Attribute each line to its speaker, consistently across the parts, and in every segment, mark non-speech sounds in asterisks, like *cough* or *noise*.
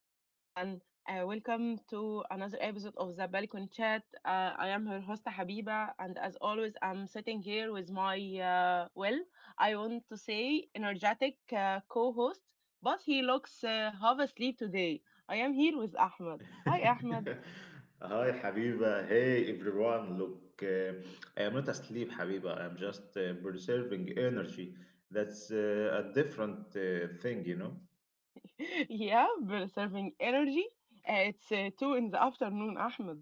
Speaker 1: Hello, everyone. Welcome to another episode of the Balcony Chat. I am her host, Habiba, and as always, I'm sitting here with my, uh, well, I want to say energetic co host, but he looks half asleep today. I am here with Ahmed. Hi, Ahmed.
Speaker 2: *laughs* Hi, Habiba. Hey, everyone. Look, I am not asleep, Habiba. I am just preserving energy. That's a different thing, you know?
Speaker 1: *laughs* Yeah, we're serving energy. It's 2 in the afternoon, Ahmed.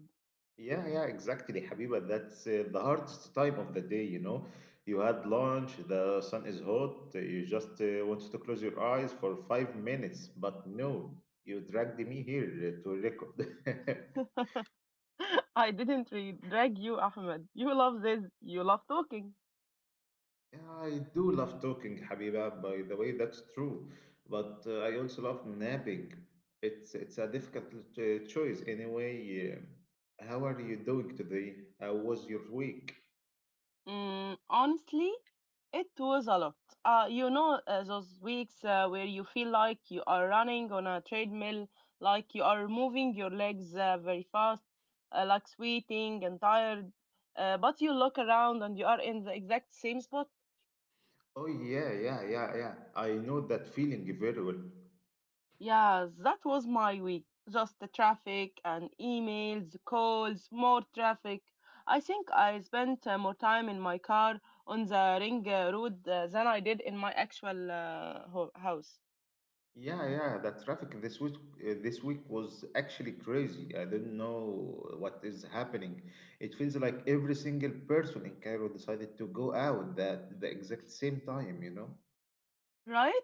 Speaker 2: Yeah, yeah, exactly, Habiba. That's the hardest time of the day, you know? You had lunch, the sun is hot, you just wanted to close your eyes for 5 minutes, but no, you dragged me here to record. *laughs*
Speaker 1: *laughs* I didn't drag you, Ahmed. You love this. You love talking.
Speaker 2: Yeah, I do love talking, Habiba, by the way, that's true. But I also love napping. It's a difficult choice anyway. How are you doing today? How was your week?
Speaker 1: Mm, honestly, it was a lot. You know, those weeks where you feel like you are running on a treadmill, like you are moving your legs very fast, like sweating and tired, but you look around and you are in the exact same spot.
Speaker 2: Oh yeah, yeah, yeah, yeah. I know that feeling very well.
Speaker 1: Yeah, that was my week. Just the traffic and emails, calls, more traffic. I think I spent more time in my car on the ring road than I did in my actual house.
Speaker 2: Yeah, yeah. The traffic this week was actually crazy. I don't know what is happening. It feels like every single person in Cairo decided to go out at the exact same time, you know?
Speaker 1: Right?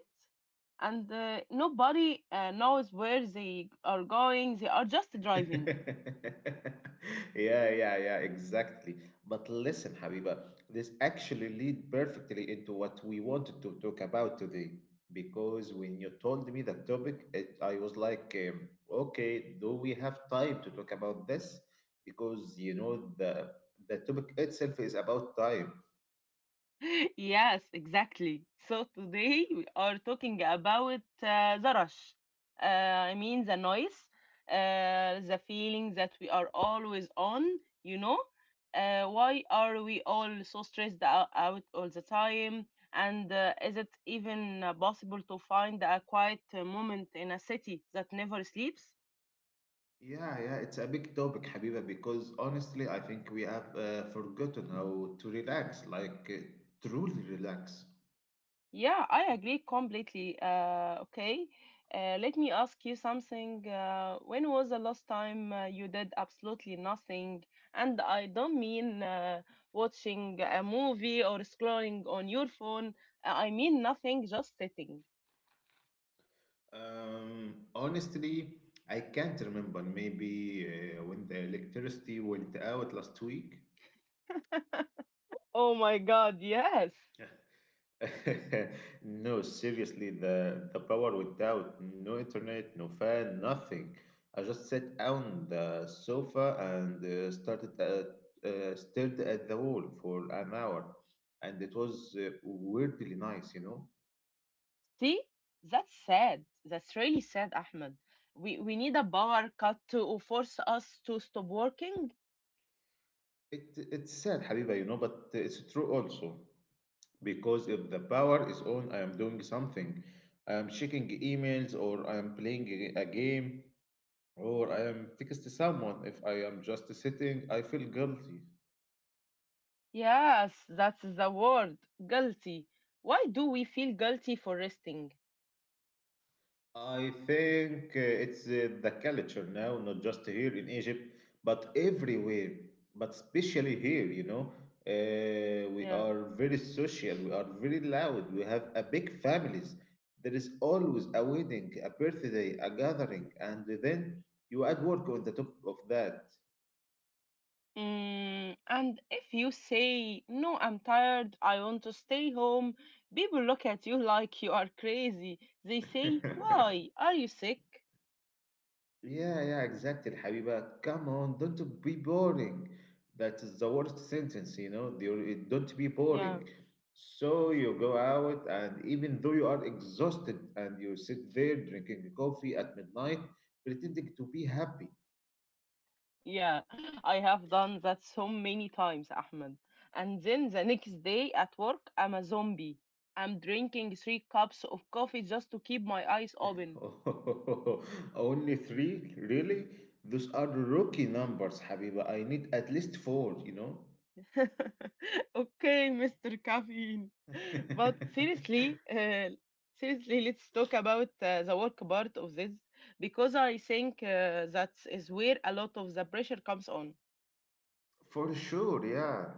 Speaker 1: And nobody knows where they are going. They are just driving.
Speaker 2: *laughs* yeah, yeah, yeah, exactly. But listen, Habiba, this actually lead perfectly into what we wanted to talk about today. Because when you told me the topic, I was like, okay, do we have time to talk about this? Because you know the topic itself is about time.
Speaker 1: *laughs* Yes, exactly. So today we are talking about the rush. I mean the noise, the feeling that we are always on. You know, why are we all so stressed out all the time? And is it even possible to find a quiet moment in a city that never sleeps?
Speaker 2: Yeah, yeah, it's a big topic, Habiba, because honestly, I think we have forgotten how to relax, like truly relax.
Speaker 1: Yeah, I agree completely. Okay, let me ask you something. When was the last time you did absolutely nothing? And I don't mean watching a movie or scrolling on your phone. I mean nothing, just sitting.
Speaker 2: Honestly, I can't remember. Maybe when the electricity went out last week.
Speaker 1: Oh my God, yes.
Speaker 2: *laughs* No, seriously, the power went out. No internet, no fan, nothing. I just sat on the sofa and stared at the wall for an hour, and it was weirdly nice, you know.
Speaker 1: See, that's sad. That's really sad, Ahmed. We need a power cut to force us to stop working.
Speaker 2: It's sad, Habiba, you know, but it's true also. Because if the power is on, I am doing something. I am checking emails, or I am playing a game, or I am texting someone. If I am just sitting, I feel guilty.
Speaker 1: Yes, that's the word. Guilty. Why do we feel guilty for resting?
Speaker 2: I think it's the culture now, not just here in Egypt, but everywhere, but especially here, you know. We
Speaker 1: Yeah.
Speaker 2: are very social, we are very loud, we have a big families. There is always a wedding, a birthday, a gathering, and then you add work on the top of that.
Speaker 1: Mm, and if you say, no, I'm tired, I want to stay home, people look at you like you are crazy. They say,
Speaker 2: *laughs*
Speaker 1: why? Are you sick?
Speaker 2: Yeah, yeah, exactly, Habiba. Come on, don't be boring. That is the worst sentence, you know. Don't be
Speaker 1: Yeah.
Speaker 2: boring. So you go out, and even though you are exhausted, and you sit there drinking coffee at midnight, pretending to be happy.
Speaker 1: Yeah. I have done that so many times, Ahmed. And then the next day at work, I'm a zombie. I'm drinking three cups of coffee just to keep my eyes open.
Speaker 2: Oh, *laughs* only three? Really? Those are rookie numbers, Habiba. I need at least four, you know.
Speaker 1: *laughs* Okay, Mr. Caffeine. *laughs* But
Speaker 2: *laughs*
Speaker 1: seriously, let's talk about the work part of this because I think that is where a lot of the pressure comes on.
Speaker 2: For sure, yeah.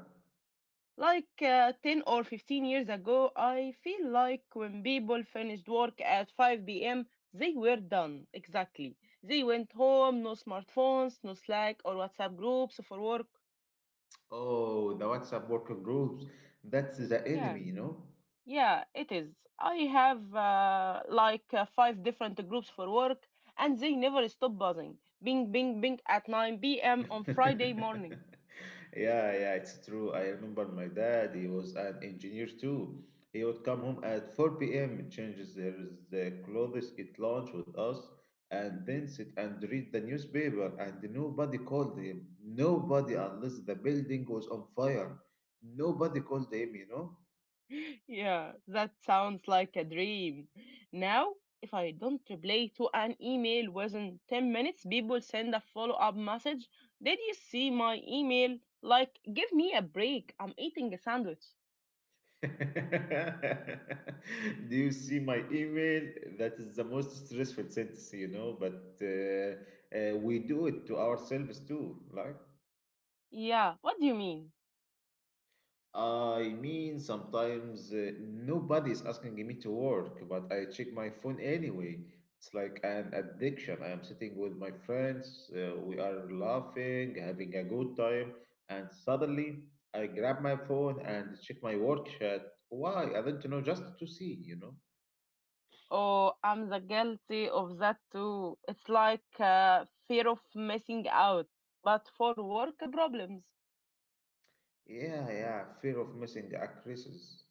Speaker 1: Like 10 or 15 years ago, I feel like when people finished work at 5 p.m., they were done. Exactly. They went home, no smartphones, no Slack or WhatsApp groups for work.
Speaker 2: Oh, the WhatsApp working groups. That's the
Speaker 1: Yeah,
Speaker 2: enemy, you know?
Speaker 1: yeah, it is. I have like five different groups for work, and they never stop buzzing. Bing, bing, bing at 9 p.m. on Friday morning. *laughs*
Speaker 2: *laughs* Yeah, yeah, it's true. I remember my dad, he was an engineer too. He would come home at 4 p.m., changes his clothes, eat lunch with us, and then sit and read the newspaper. And nobody called him. Nobody, unless the building was on fire. Nobody called him, you know?
Speaker 1: Yeah, that sounds like a dream. Now, if I don't reply to an email within 10 minutes, people send a follow up message. Did you see my email? Like, give me a break. I'm eating a sandwich.
Speaker 2: *laughs* Do you see my email? That is the most stressful sentence, you know, but we do it to ourselves too. Like,
Speaker 1: Yeah, what do you mean?
Speaker 2: I mean, sometimes nobody is asking me to work, but I check my phone anyway. It's like an addiction. I am sitting with my friends, we are laughing, having a good time, and suddenly I grab my phone and check my work chat. Why? I don't know, just to see, you know.
Speaker 1: Oh, I'm the guilty of that too. It's like fear of missing out, but for work problems.
Speaker 2: Yeah, yeah, fear of missing a crisis.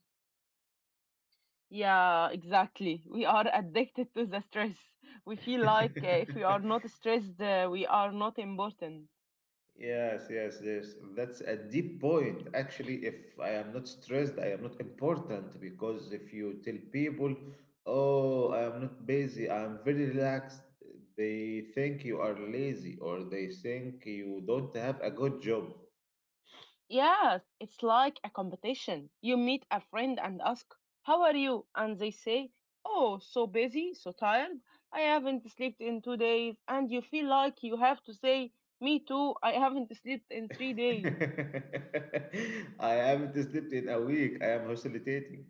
Speaker 1: Yeah, exactly. We are *laughs* addicted to the stress. We feel like if we
Speaker 2: *laughs*
Speaker 1: are not stressed, we are not important.
Speaker 2: Yes, yes, yes. That's a deep point. Actually, if I am not stressed, I am not important because if you tell people, oh, I am not busy, I am very relaxed, they think you are lazy or they think you don't have a good job.
Speaker 1: Yes, it's like a competition. You meet a friend and ask, how are you? And they say, oh, so busy, so tired. I haven't slept in 2 days. And you feel like you have to say, me too, I haven't slept in 3 days.
Speaker 2: *laughs* I haven't slept in a week. I am hallucinating.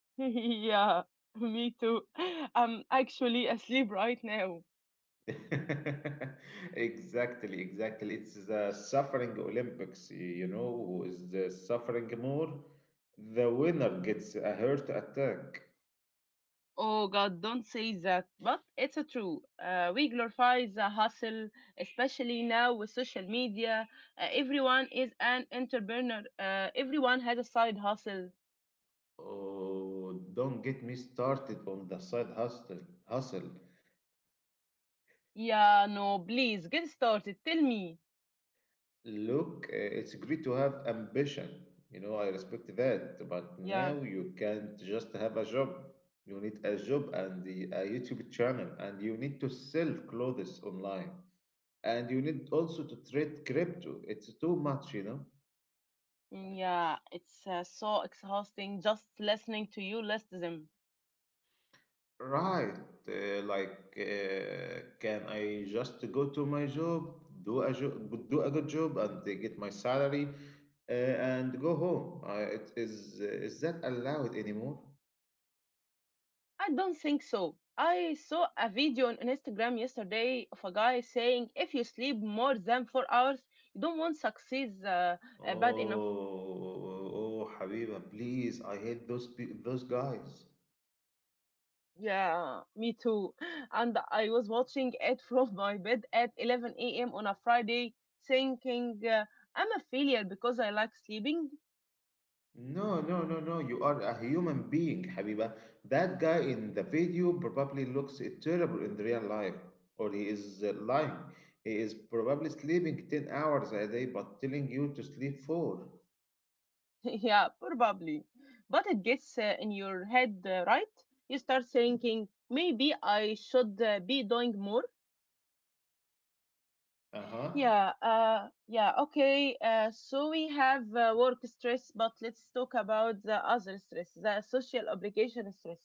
Speaker 1: *laughs* Yeah, me too. I'm actually asleep right now.
Speaker 2: *laughs* exactly, exactly. It's the suffering Olympics, you know, who is the suffering more, the winner gets a heart attack.
Speaker 1: Oh God, don't say that. But it's a true. We glorify the hustle, especially now with social media. Everyone is an entrepreneur. Everyone has a side hustle.
Speaker 2: Oh, don't get me started on the side hustle. Hustle.
Speaker 1: Yeah, no, please get started. Tell me.
Speaker 2: Look, it's great to have ambition. You know, I respect that, but
Speaker 1: Yeah,
Speaker 2: now you can't just have a job. You need a job and a YouTube channel, and you need to sell clothes online. And you need also to trade crypto. It's too much, you know.
Speaker 1: yeah, it's so exhausting just listening to you list them.
Speaker 2: Right. Can I just go to my job, do a good job, and get my salary, and go home? It is Is that allowed anymore?
Speaker 1: I don't think so. I saw a video on Instagram yesterday of a guy saying if you sleep more than 4 hours, you don't want success." succeed bad enough.
Speaker 2: Oh, oh, Habiba, please! I hate those guys.
Speaker 1: Yeah, me too. And I was watching it *laughs* from my bed at 11 a.m. on a Friday, thinking I'm a failure because I like sleeping.
Speaker 2: No, no, no, no. You are a human being, Habiba. That guy in the video probably looks terrible in the real life, or he is lying. He is probably sleeping 10 hours a day, but telling you to sleep four.
Speaker 1: *laughs* Yeah, probably. But it gets in your head, right? You start thinking maybe I should be doing more.
Speaker 2: Uh-huh.
Speaker 1: Yeah, okay. So we have work stress, but let's talk about the other stress, the social obligation stress.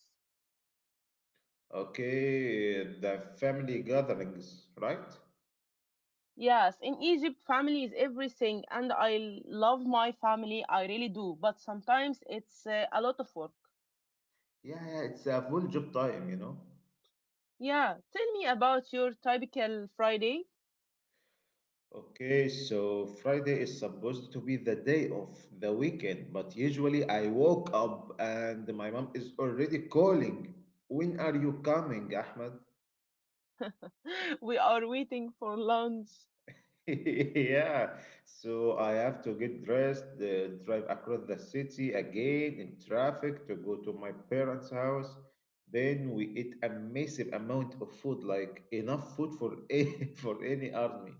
Speaker 2: Okay, the family gatherings, right?
Speaker 1: Yes, in Egypt, family is everything, and I love my family, I really do, but sometimes it's a lot of work.
Speaker 2: Yeah, yeah, it's a full job time, you know.
Speaker 1: Yeah, tell me about your typical Friday.
Speaker 2: Okay, so Friday is supposed to be the day of the weekend, but usually I woke up and my mom is already calling. When are you coming, Ahmed?
Speaker 1: *laughs* We are waiting for lunch.
Speaker 2: *laughs* Yeah, so I have to get dressed, drive across the city again in traffic to go to my parents' house. Then we eat a massive amount of food, like enough food for *laughs* a for any army.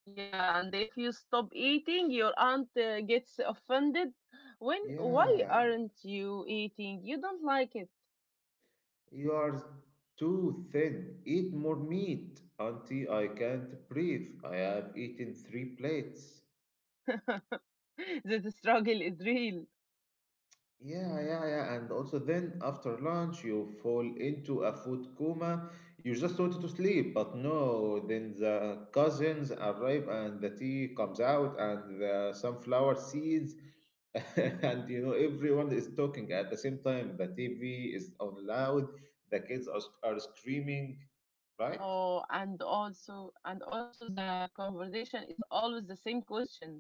Speaker 1: Yeah, and if you stop eating, your aunt gets offended. When, why
Speaker 2: Yeah.
Speaker 1: aren't you eating? You don't like it.
Speaker 2: You are too thin. Eat more meat. Auntie, I can't breathe. I have eaten three plates.
Speaker 1: *laughs* The struggle is real.
Speaker 2: Yeah, yeah, yeah. And also, then after lunch, you fall into a food coma. You just wanted to sleep, but no. Then the cousins arrive, and the tea comes out, and the sunflower seeds. *laughs* and you know, everyone is talking at the same time. The TV is on loud. The kids are screaming, right?
Speaker 1: Oh, and also the conversation is always the same questions.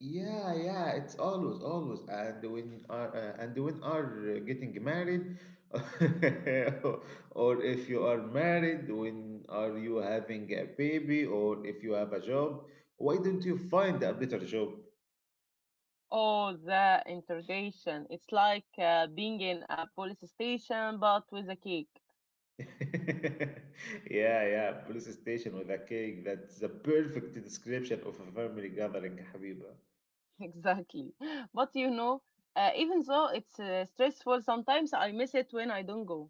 Speaker 2: Yeah, yeah, it's always, always, and when are getting married, *laughs* or if you are married, when are you having a baby, or if you have a job, why don't you find a better job? *laughs*
Speaker 1: Oh, the interrogation. It's like being in a police station, but with a cake. *laughs*
Speaker 2: Yeah, yeah, police station with a cake. That's the perfect description of a family gathering, Habiba.
Speaker 1: Exactly. But you know, even though it's stressful, sometimes I miss it when I don't go.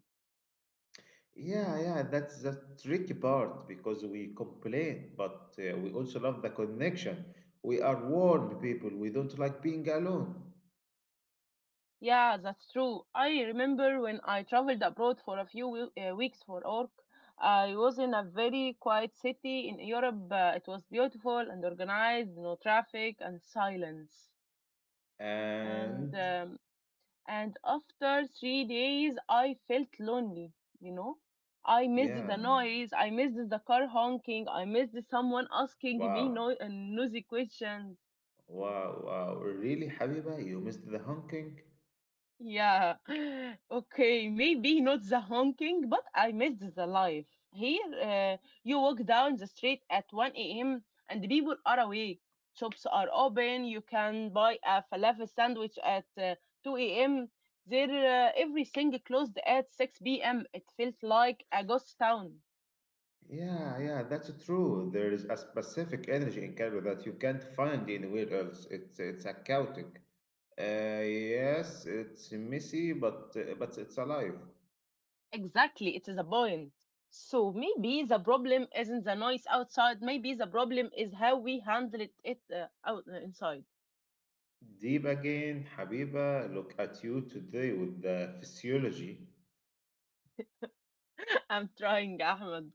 Speaker 2: Yeah, yeah, that's the tricky part because we complain, but we also love the connection. We are warm people. We don't like being alone.
Speaker 1: Yeah, that's true. I remember when I traveled abroad for a few weeks for work. I was in a very quiet city in Europe. It was beautiful and organized, no traffic and silence. And
Speaker 2: And
Speaker 1: um, and after 3 days, I felt lonely. You know, I missed
Speaker 2: yeah,
Speaker 1: the noise. I missed the car honking. I missed someone asking me
Speaker 2: wow,
Speaker 1: nosy questions.
Speaker 2: wow, wow. Really, Habiba, you missed the honking?
Speaker 1: Yeah. *gasps* *laughs* Okay, maybe not the honking, but I missed the life. Here, you walk down the street at 1 a.m. and the people are awake. Shops are open. You can buy a falafel sandwich at 2 a.m. There, everything closed at 6 p.m. It felt like a ghost town.
Speaker 2: Yeah, yeah, that's true. There is a specific energy in Canada that you can't find anywhere else. It's a chaotic. Yes, it's messy, but it's alive.
Speaker 1: Exactly, it is a point. So maybe the problem isn't the noise outside. Maybe the problem is how we handle it, it out inside.
Speaker 2: Deep again, Habiba, look at you today with the physiology.
Speaker 1: I'm trying, Ahmed.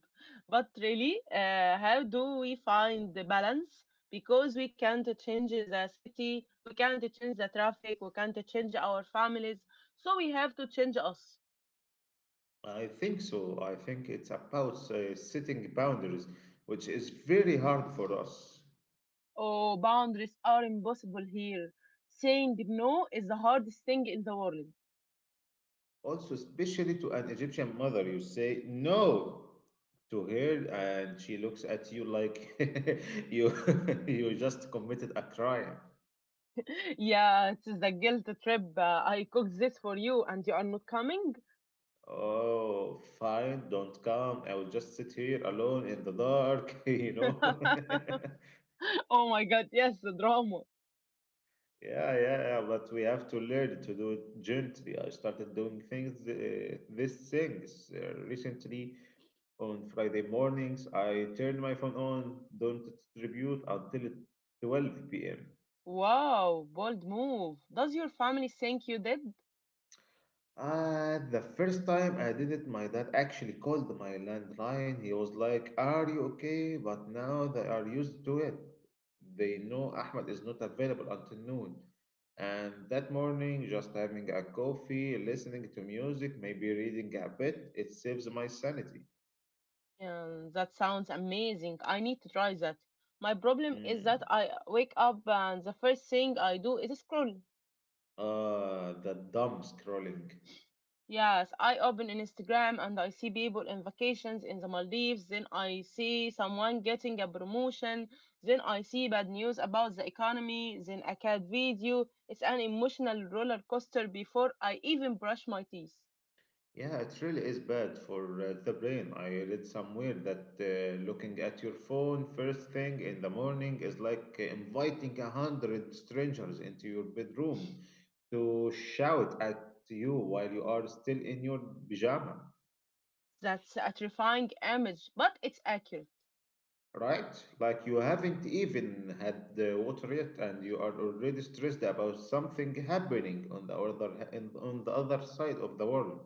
Speaker 1: But really, how do we find the balance? Because we can't change the city, we can't change the traffic, we can't change our families. So we have to change us.
Speaker 2: I think so. I think it's about setting boundaries, which is very hard for us.
Speaker 1: Oh, boundaries are impossible here. Saying no is the hardest thing in the world.
Speaker 2: Also, especially to an Egyptian mother, you say no to her, and she looks at you like *laughs* you *laughs* you just committed a crime.
Speaker 1: *laughs* Yeah, it is the guilt trip. I cooked this for you and you are not coming.
Speaker 2: Oh, fine, don't come. I will just sit here alone in the dark, *laughs* you know. *laughs*
Speaker 1: *laughs* Oh my god, yes, the drama.
Speaker 2: Yeah, yeah, yeah, but we have to learn to do it gently. I started doing things, these things recently on Friday mornings. I turn my phone on, don't distribute until 12 p.m.
Speaker 1: Wow, bold move. Does your family think you did?
Speaker 2: The first time I did it, my dad actually called my landline. He was like, are you okay? But now they are used to it. They know Ahmed is not available until noon. And that morning, just having a coffee, listening to music, maybe reading a bit, it saves my sanity.
Speaker 1: That sounds amazing. I need to try that. My problem is that
Speaker 2: Mm.
Speaker 1: I wake up and the first thing I do is scroll.
Speaker 2: The dumb scrolling.
Speaker 1: Yes, I open Instagram and I see people in vacations in the Maldives. Then I see someone getting a promotion. Then I see bad news about the economy. Then a cat video. It's an emotional roller coaster before I even brush my teeth.
Speaker 2: Yeah, it really is bad for the brain. I read somewhere that looking at your phone first thing in the morning is like inviting 100 strangers into your bedroom to shout at you while you are still in your pajama,
Speaker 1: That's a terrifying image, but it's accurate.
Speaker 2: right? Like you haven't even had the water yet, and you are already stressed about something happening on the other side of the world.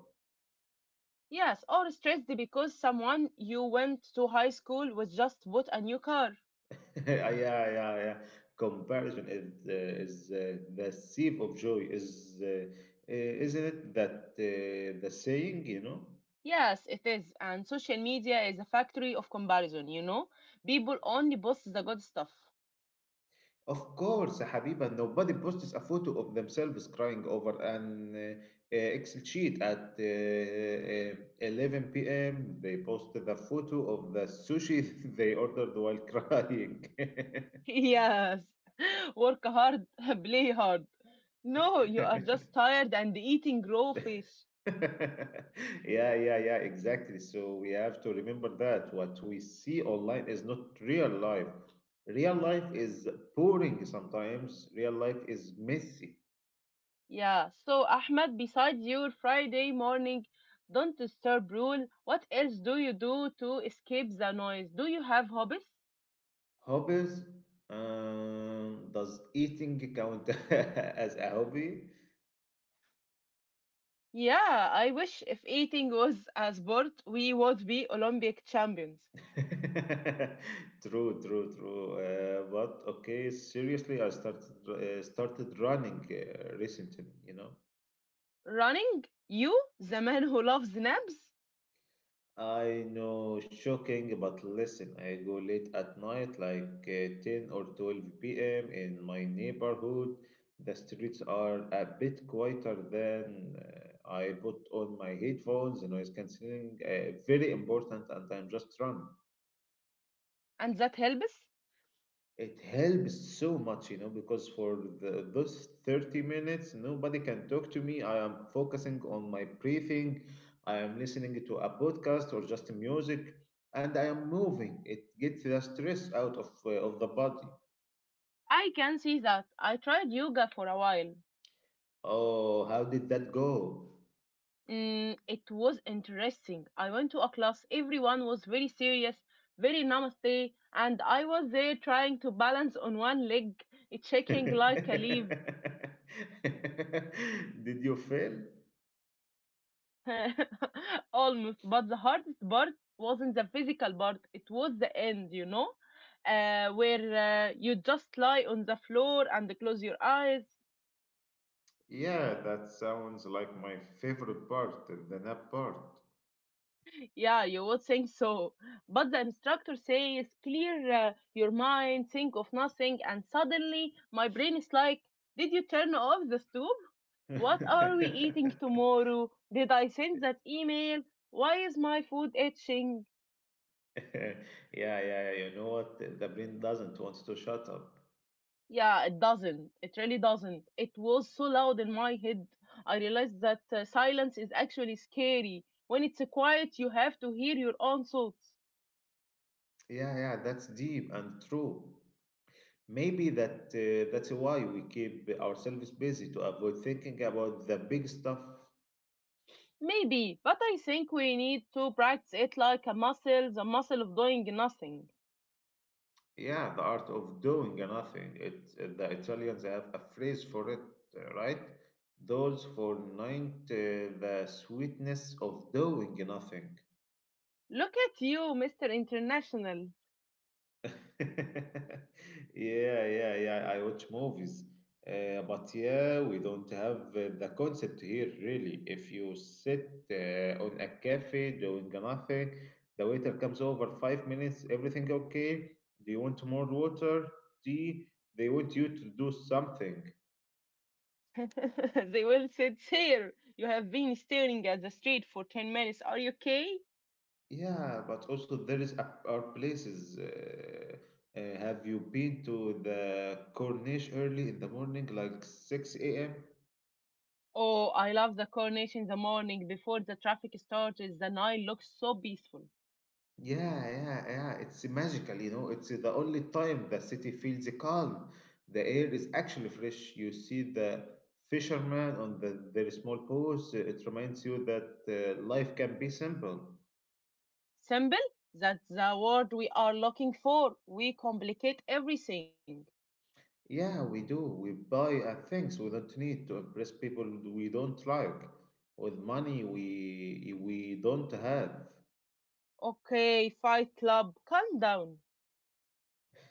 Speaker 1: Yes, or stressed because someone you went to high school with just bought a new car.
Speaker 2: *laughs* yeah, yeah, yeah. Comparison is the thief of joy. Is isn't it that the saying? You know.
Speaker 1: Yes, it is. And social media is a factory of comparison, you know? People only post the good stuff.
Speaker 2: Of course, Habiba. Nobody posts a photo of themselves crying over an Excel sheet at 11 p.m. They posted a photo of the sushi *laughs* they ordered while crying.
Speaker 1: *laughs* Yes. *laughs* Work hard, *laughs* play hard. No, you are just
Speaker 2: *laughs*
Speaker 1: tired and eating raw fish.
Speaker 2: *laughs* Yeah, yeah, yeah, exactly. So we have to remember that what we see online is not real life. Real life is boring sometimes. Real life is messy.
Speaker 1: Yeah, so Ahmed, besides your Friday morning don't disturb rule, what else do you do to escape the noise? Do you have hobbies?
Speaker 2: Hobbies, does eating count *laughs* as a hobby?
Speaker 1: Yeah, I wish if eating was a sport, we would be Olympic champions.
Speaker 2: *laughs* True, true, true. But okay, seriously, I started started running recently, you know.
Speaker 1: Running, you, the man who loves naps,
Speaker 2: I know, shocking, but listen, I go late at night, like 10 or 12 p.m. in my neighborhood. The streets are a bit quieter than I put on my headphones, noise cancelling, very important, and I'm just drunk.
Speaker 1: and that helps.
Speaker 2: It helps so much, you know, because for those 30 minutes, nobody can talk to me. I am focusing on my breathing. I am listening to a podcast or just music, and I am moving. It gets the stress out of the body.
Speaker 1: I can see that. I tried yoga for a while.
Speaker 2: Oh, how did that go?
Speaker 1: Mm, it was interesting. I went to a class, everyone was very serious, very namaste, and I was there trying to balance on one leg,
Speaker 2: *laughs*
Speaker 1: shaking like a
Speaker 2: Did
Speaker 1: leaf.
Speaker 2: you fail?
Speaker 1: *laughs* Almost, but the hardest part wasn't the physical part, it was the end, you know, where you just lie on the floor and close your eyes.
Speaker 2: Yeah, that sounds like my favorite part, the nap part.
Speaker 1: Yeah, you would think so. But the instructor says, clear your mind, think of nothing, and suddenly my brain is like, did you turn off the stove? What are we eating
Speaker 2: *laughs*
Speaker 1: tomorrow? Did I send that email? Why is my food itching?
Speaker 2: *laughs* yeah, yeah, yeah. You know what? The brain doesn't want to shut up.
Speaker 1: Yeah, it doesn't. It really doesn't. It was so loud in my head. I realized that silence is actually scary. When it's quiet, you have to hear your own thoughts.
Speaker 2: Yeah, yeah, that's deep and true. Maybe that's why we keep ourselves busy to avoid thinking about the big stuff.
Speaker 1: Maybe, but I think we need to practice it like a muscle, the muscle of doing nothing.
Speaker 2: Yeah, the art of doing nothing. It the Italians have a phrase for it, right? Those for night, the sweetness of doing nothing.
Speaker 1: Look at you, Mr. International.
Speaker 2: *laughs* Yeah, yeah, yeah. I watch movies, but yeah, we don't have the concept here really. If you sit on a cafe doing nothing, the waiter comes over 5 minutes. Everything okay? Do you want more water? Tea? They want you to do something.
Speaker 1: *laughs* They will sit here. You have been staring at the street for 10 minutes. Are you okay?
Speaker 2: Yeah, but also there is our places. Have you been to the Corniche early in the morning, like 6 a.m.?
Speaker 1: Oh, I love the coronation in the morning before the traffic starts. The Nile looks so peaceful.
Speaker 2: Yeah, yeah, yeah. It's magical, you know. It's the only time the city feels calm. The air is actually fresh. You see the fishermen on their small boats. It reminds you that life can be simple.
Speaker 1: Simple. That's the word we are looking for. We complicate everything.
Speaker 2: Yeah, we do. We buy things we don't need to impress people we don't like with money we don't have.
Speaker 1: Okay, Fight Club, calm down.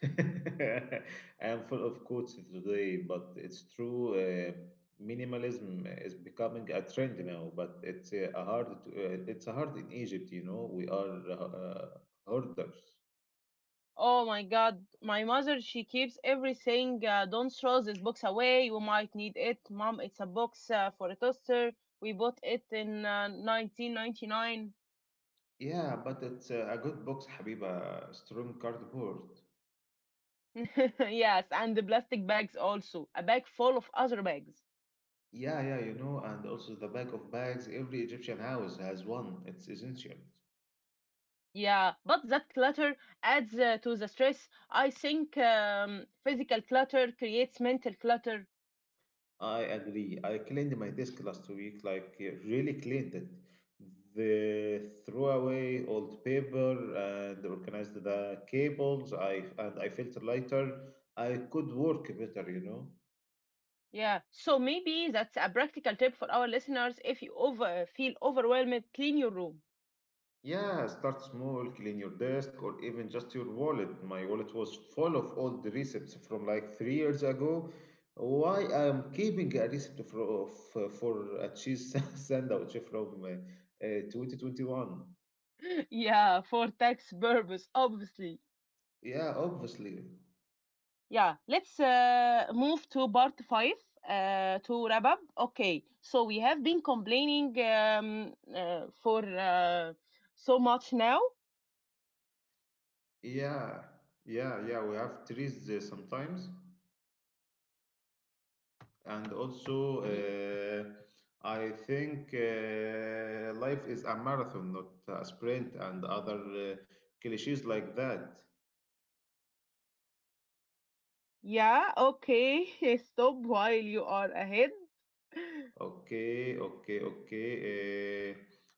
Speaker 2: *laughs* I am full of quotes today, but it's true. Minimalism is becoming a trend now, but it's a hard. It's a hard in Egypt, you know. We are hoarders.
Speaker 1: Oh my god, my mother, she keeps everything. Don't throw this box away. You might need it. Mom, it's a box for a toaster. We bought it in 1999.
Speaker 2: Yeah, but it's a good box, Habiba. Strong cardboard.
Speaker 1: *laughs* Yes, and the plastic bags also. A bag full of other bags.
Speaker 2: Yeah, yeah, you know, and also the bag of bags. Every Egyptian house has one. It's essential.
Speaker 1: Yeah, but that clutter adds to the stress. I think physical clutter creates mental clutter.
Speaker 2: I agree. I cleaned my desk last week, like really cleaned it. The threw away old paper and organized the cables. I felt lighter. I could work better, you know.
Speaker 1: Yeah, so maybe that's a practical tip for our listeners. If you over feel overwhelmed, clean your room.
Speaker 2: Yeah, start small, clean your desk or even just your wallet. My wallet was full of old receipts from like 3 years ago. Why I'm keeping a receipt for for a cheese *laughs* sandwich from 2021.
Speaker 1: *laughs* Yeah, for tax purpose, obviously.
Speaker 2: Yeah, obviously.
Speaker 1: Yeah, let's move to part 5 to wrap up. Okay, so we have been complaining for so much now.
Speaker 2: Yeah, yeah, yeah. We have trees sometimes, and also
Speaker 1: Y-
Speaker 2: I think life is a marathon, not a sprint, and other cliches like that.
Speaker 1: Yeah, okay. *laughs* Stop while you are ahead.
Speaker 2: Okay, okay, okay.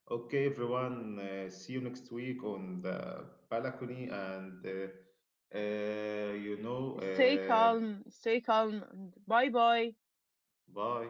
Speaker 2: Okay, everyone. See you next week on the balcony, and uh, you know, uh,
Speaker 1: Stay calm, and bye bye.
Speaker 2: bye.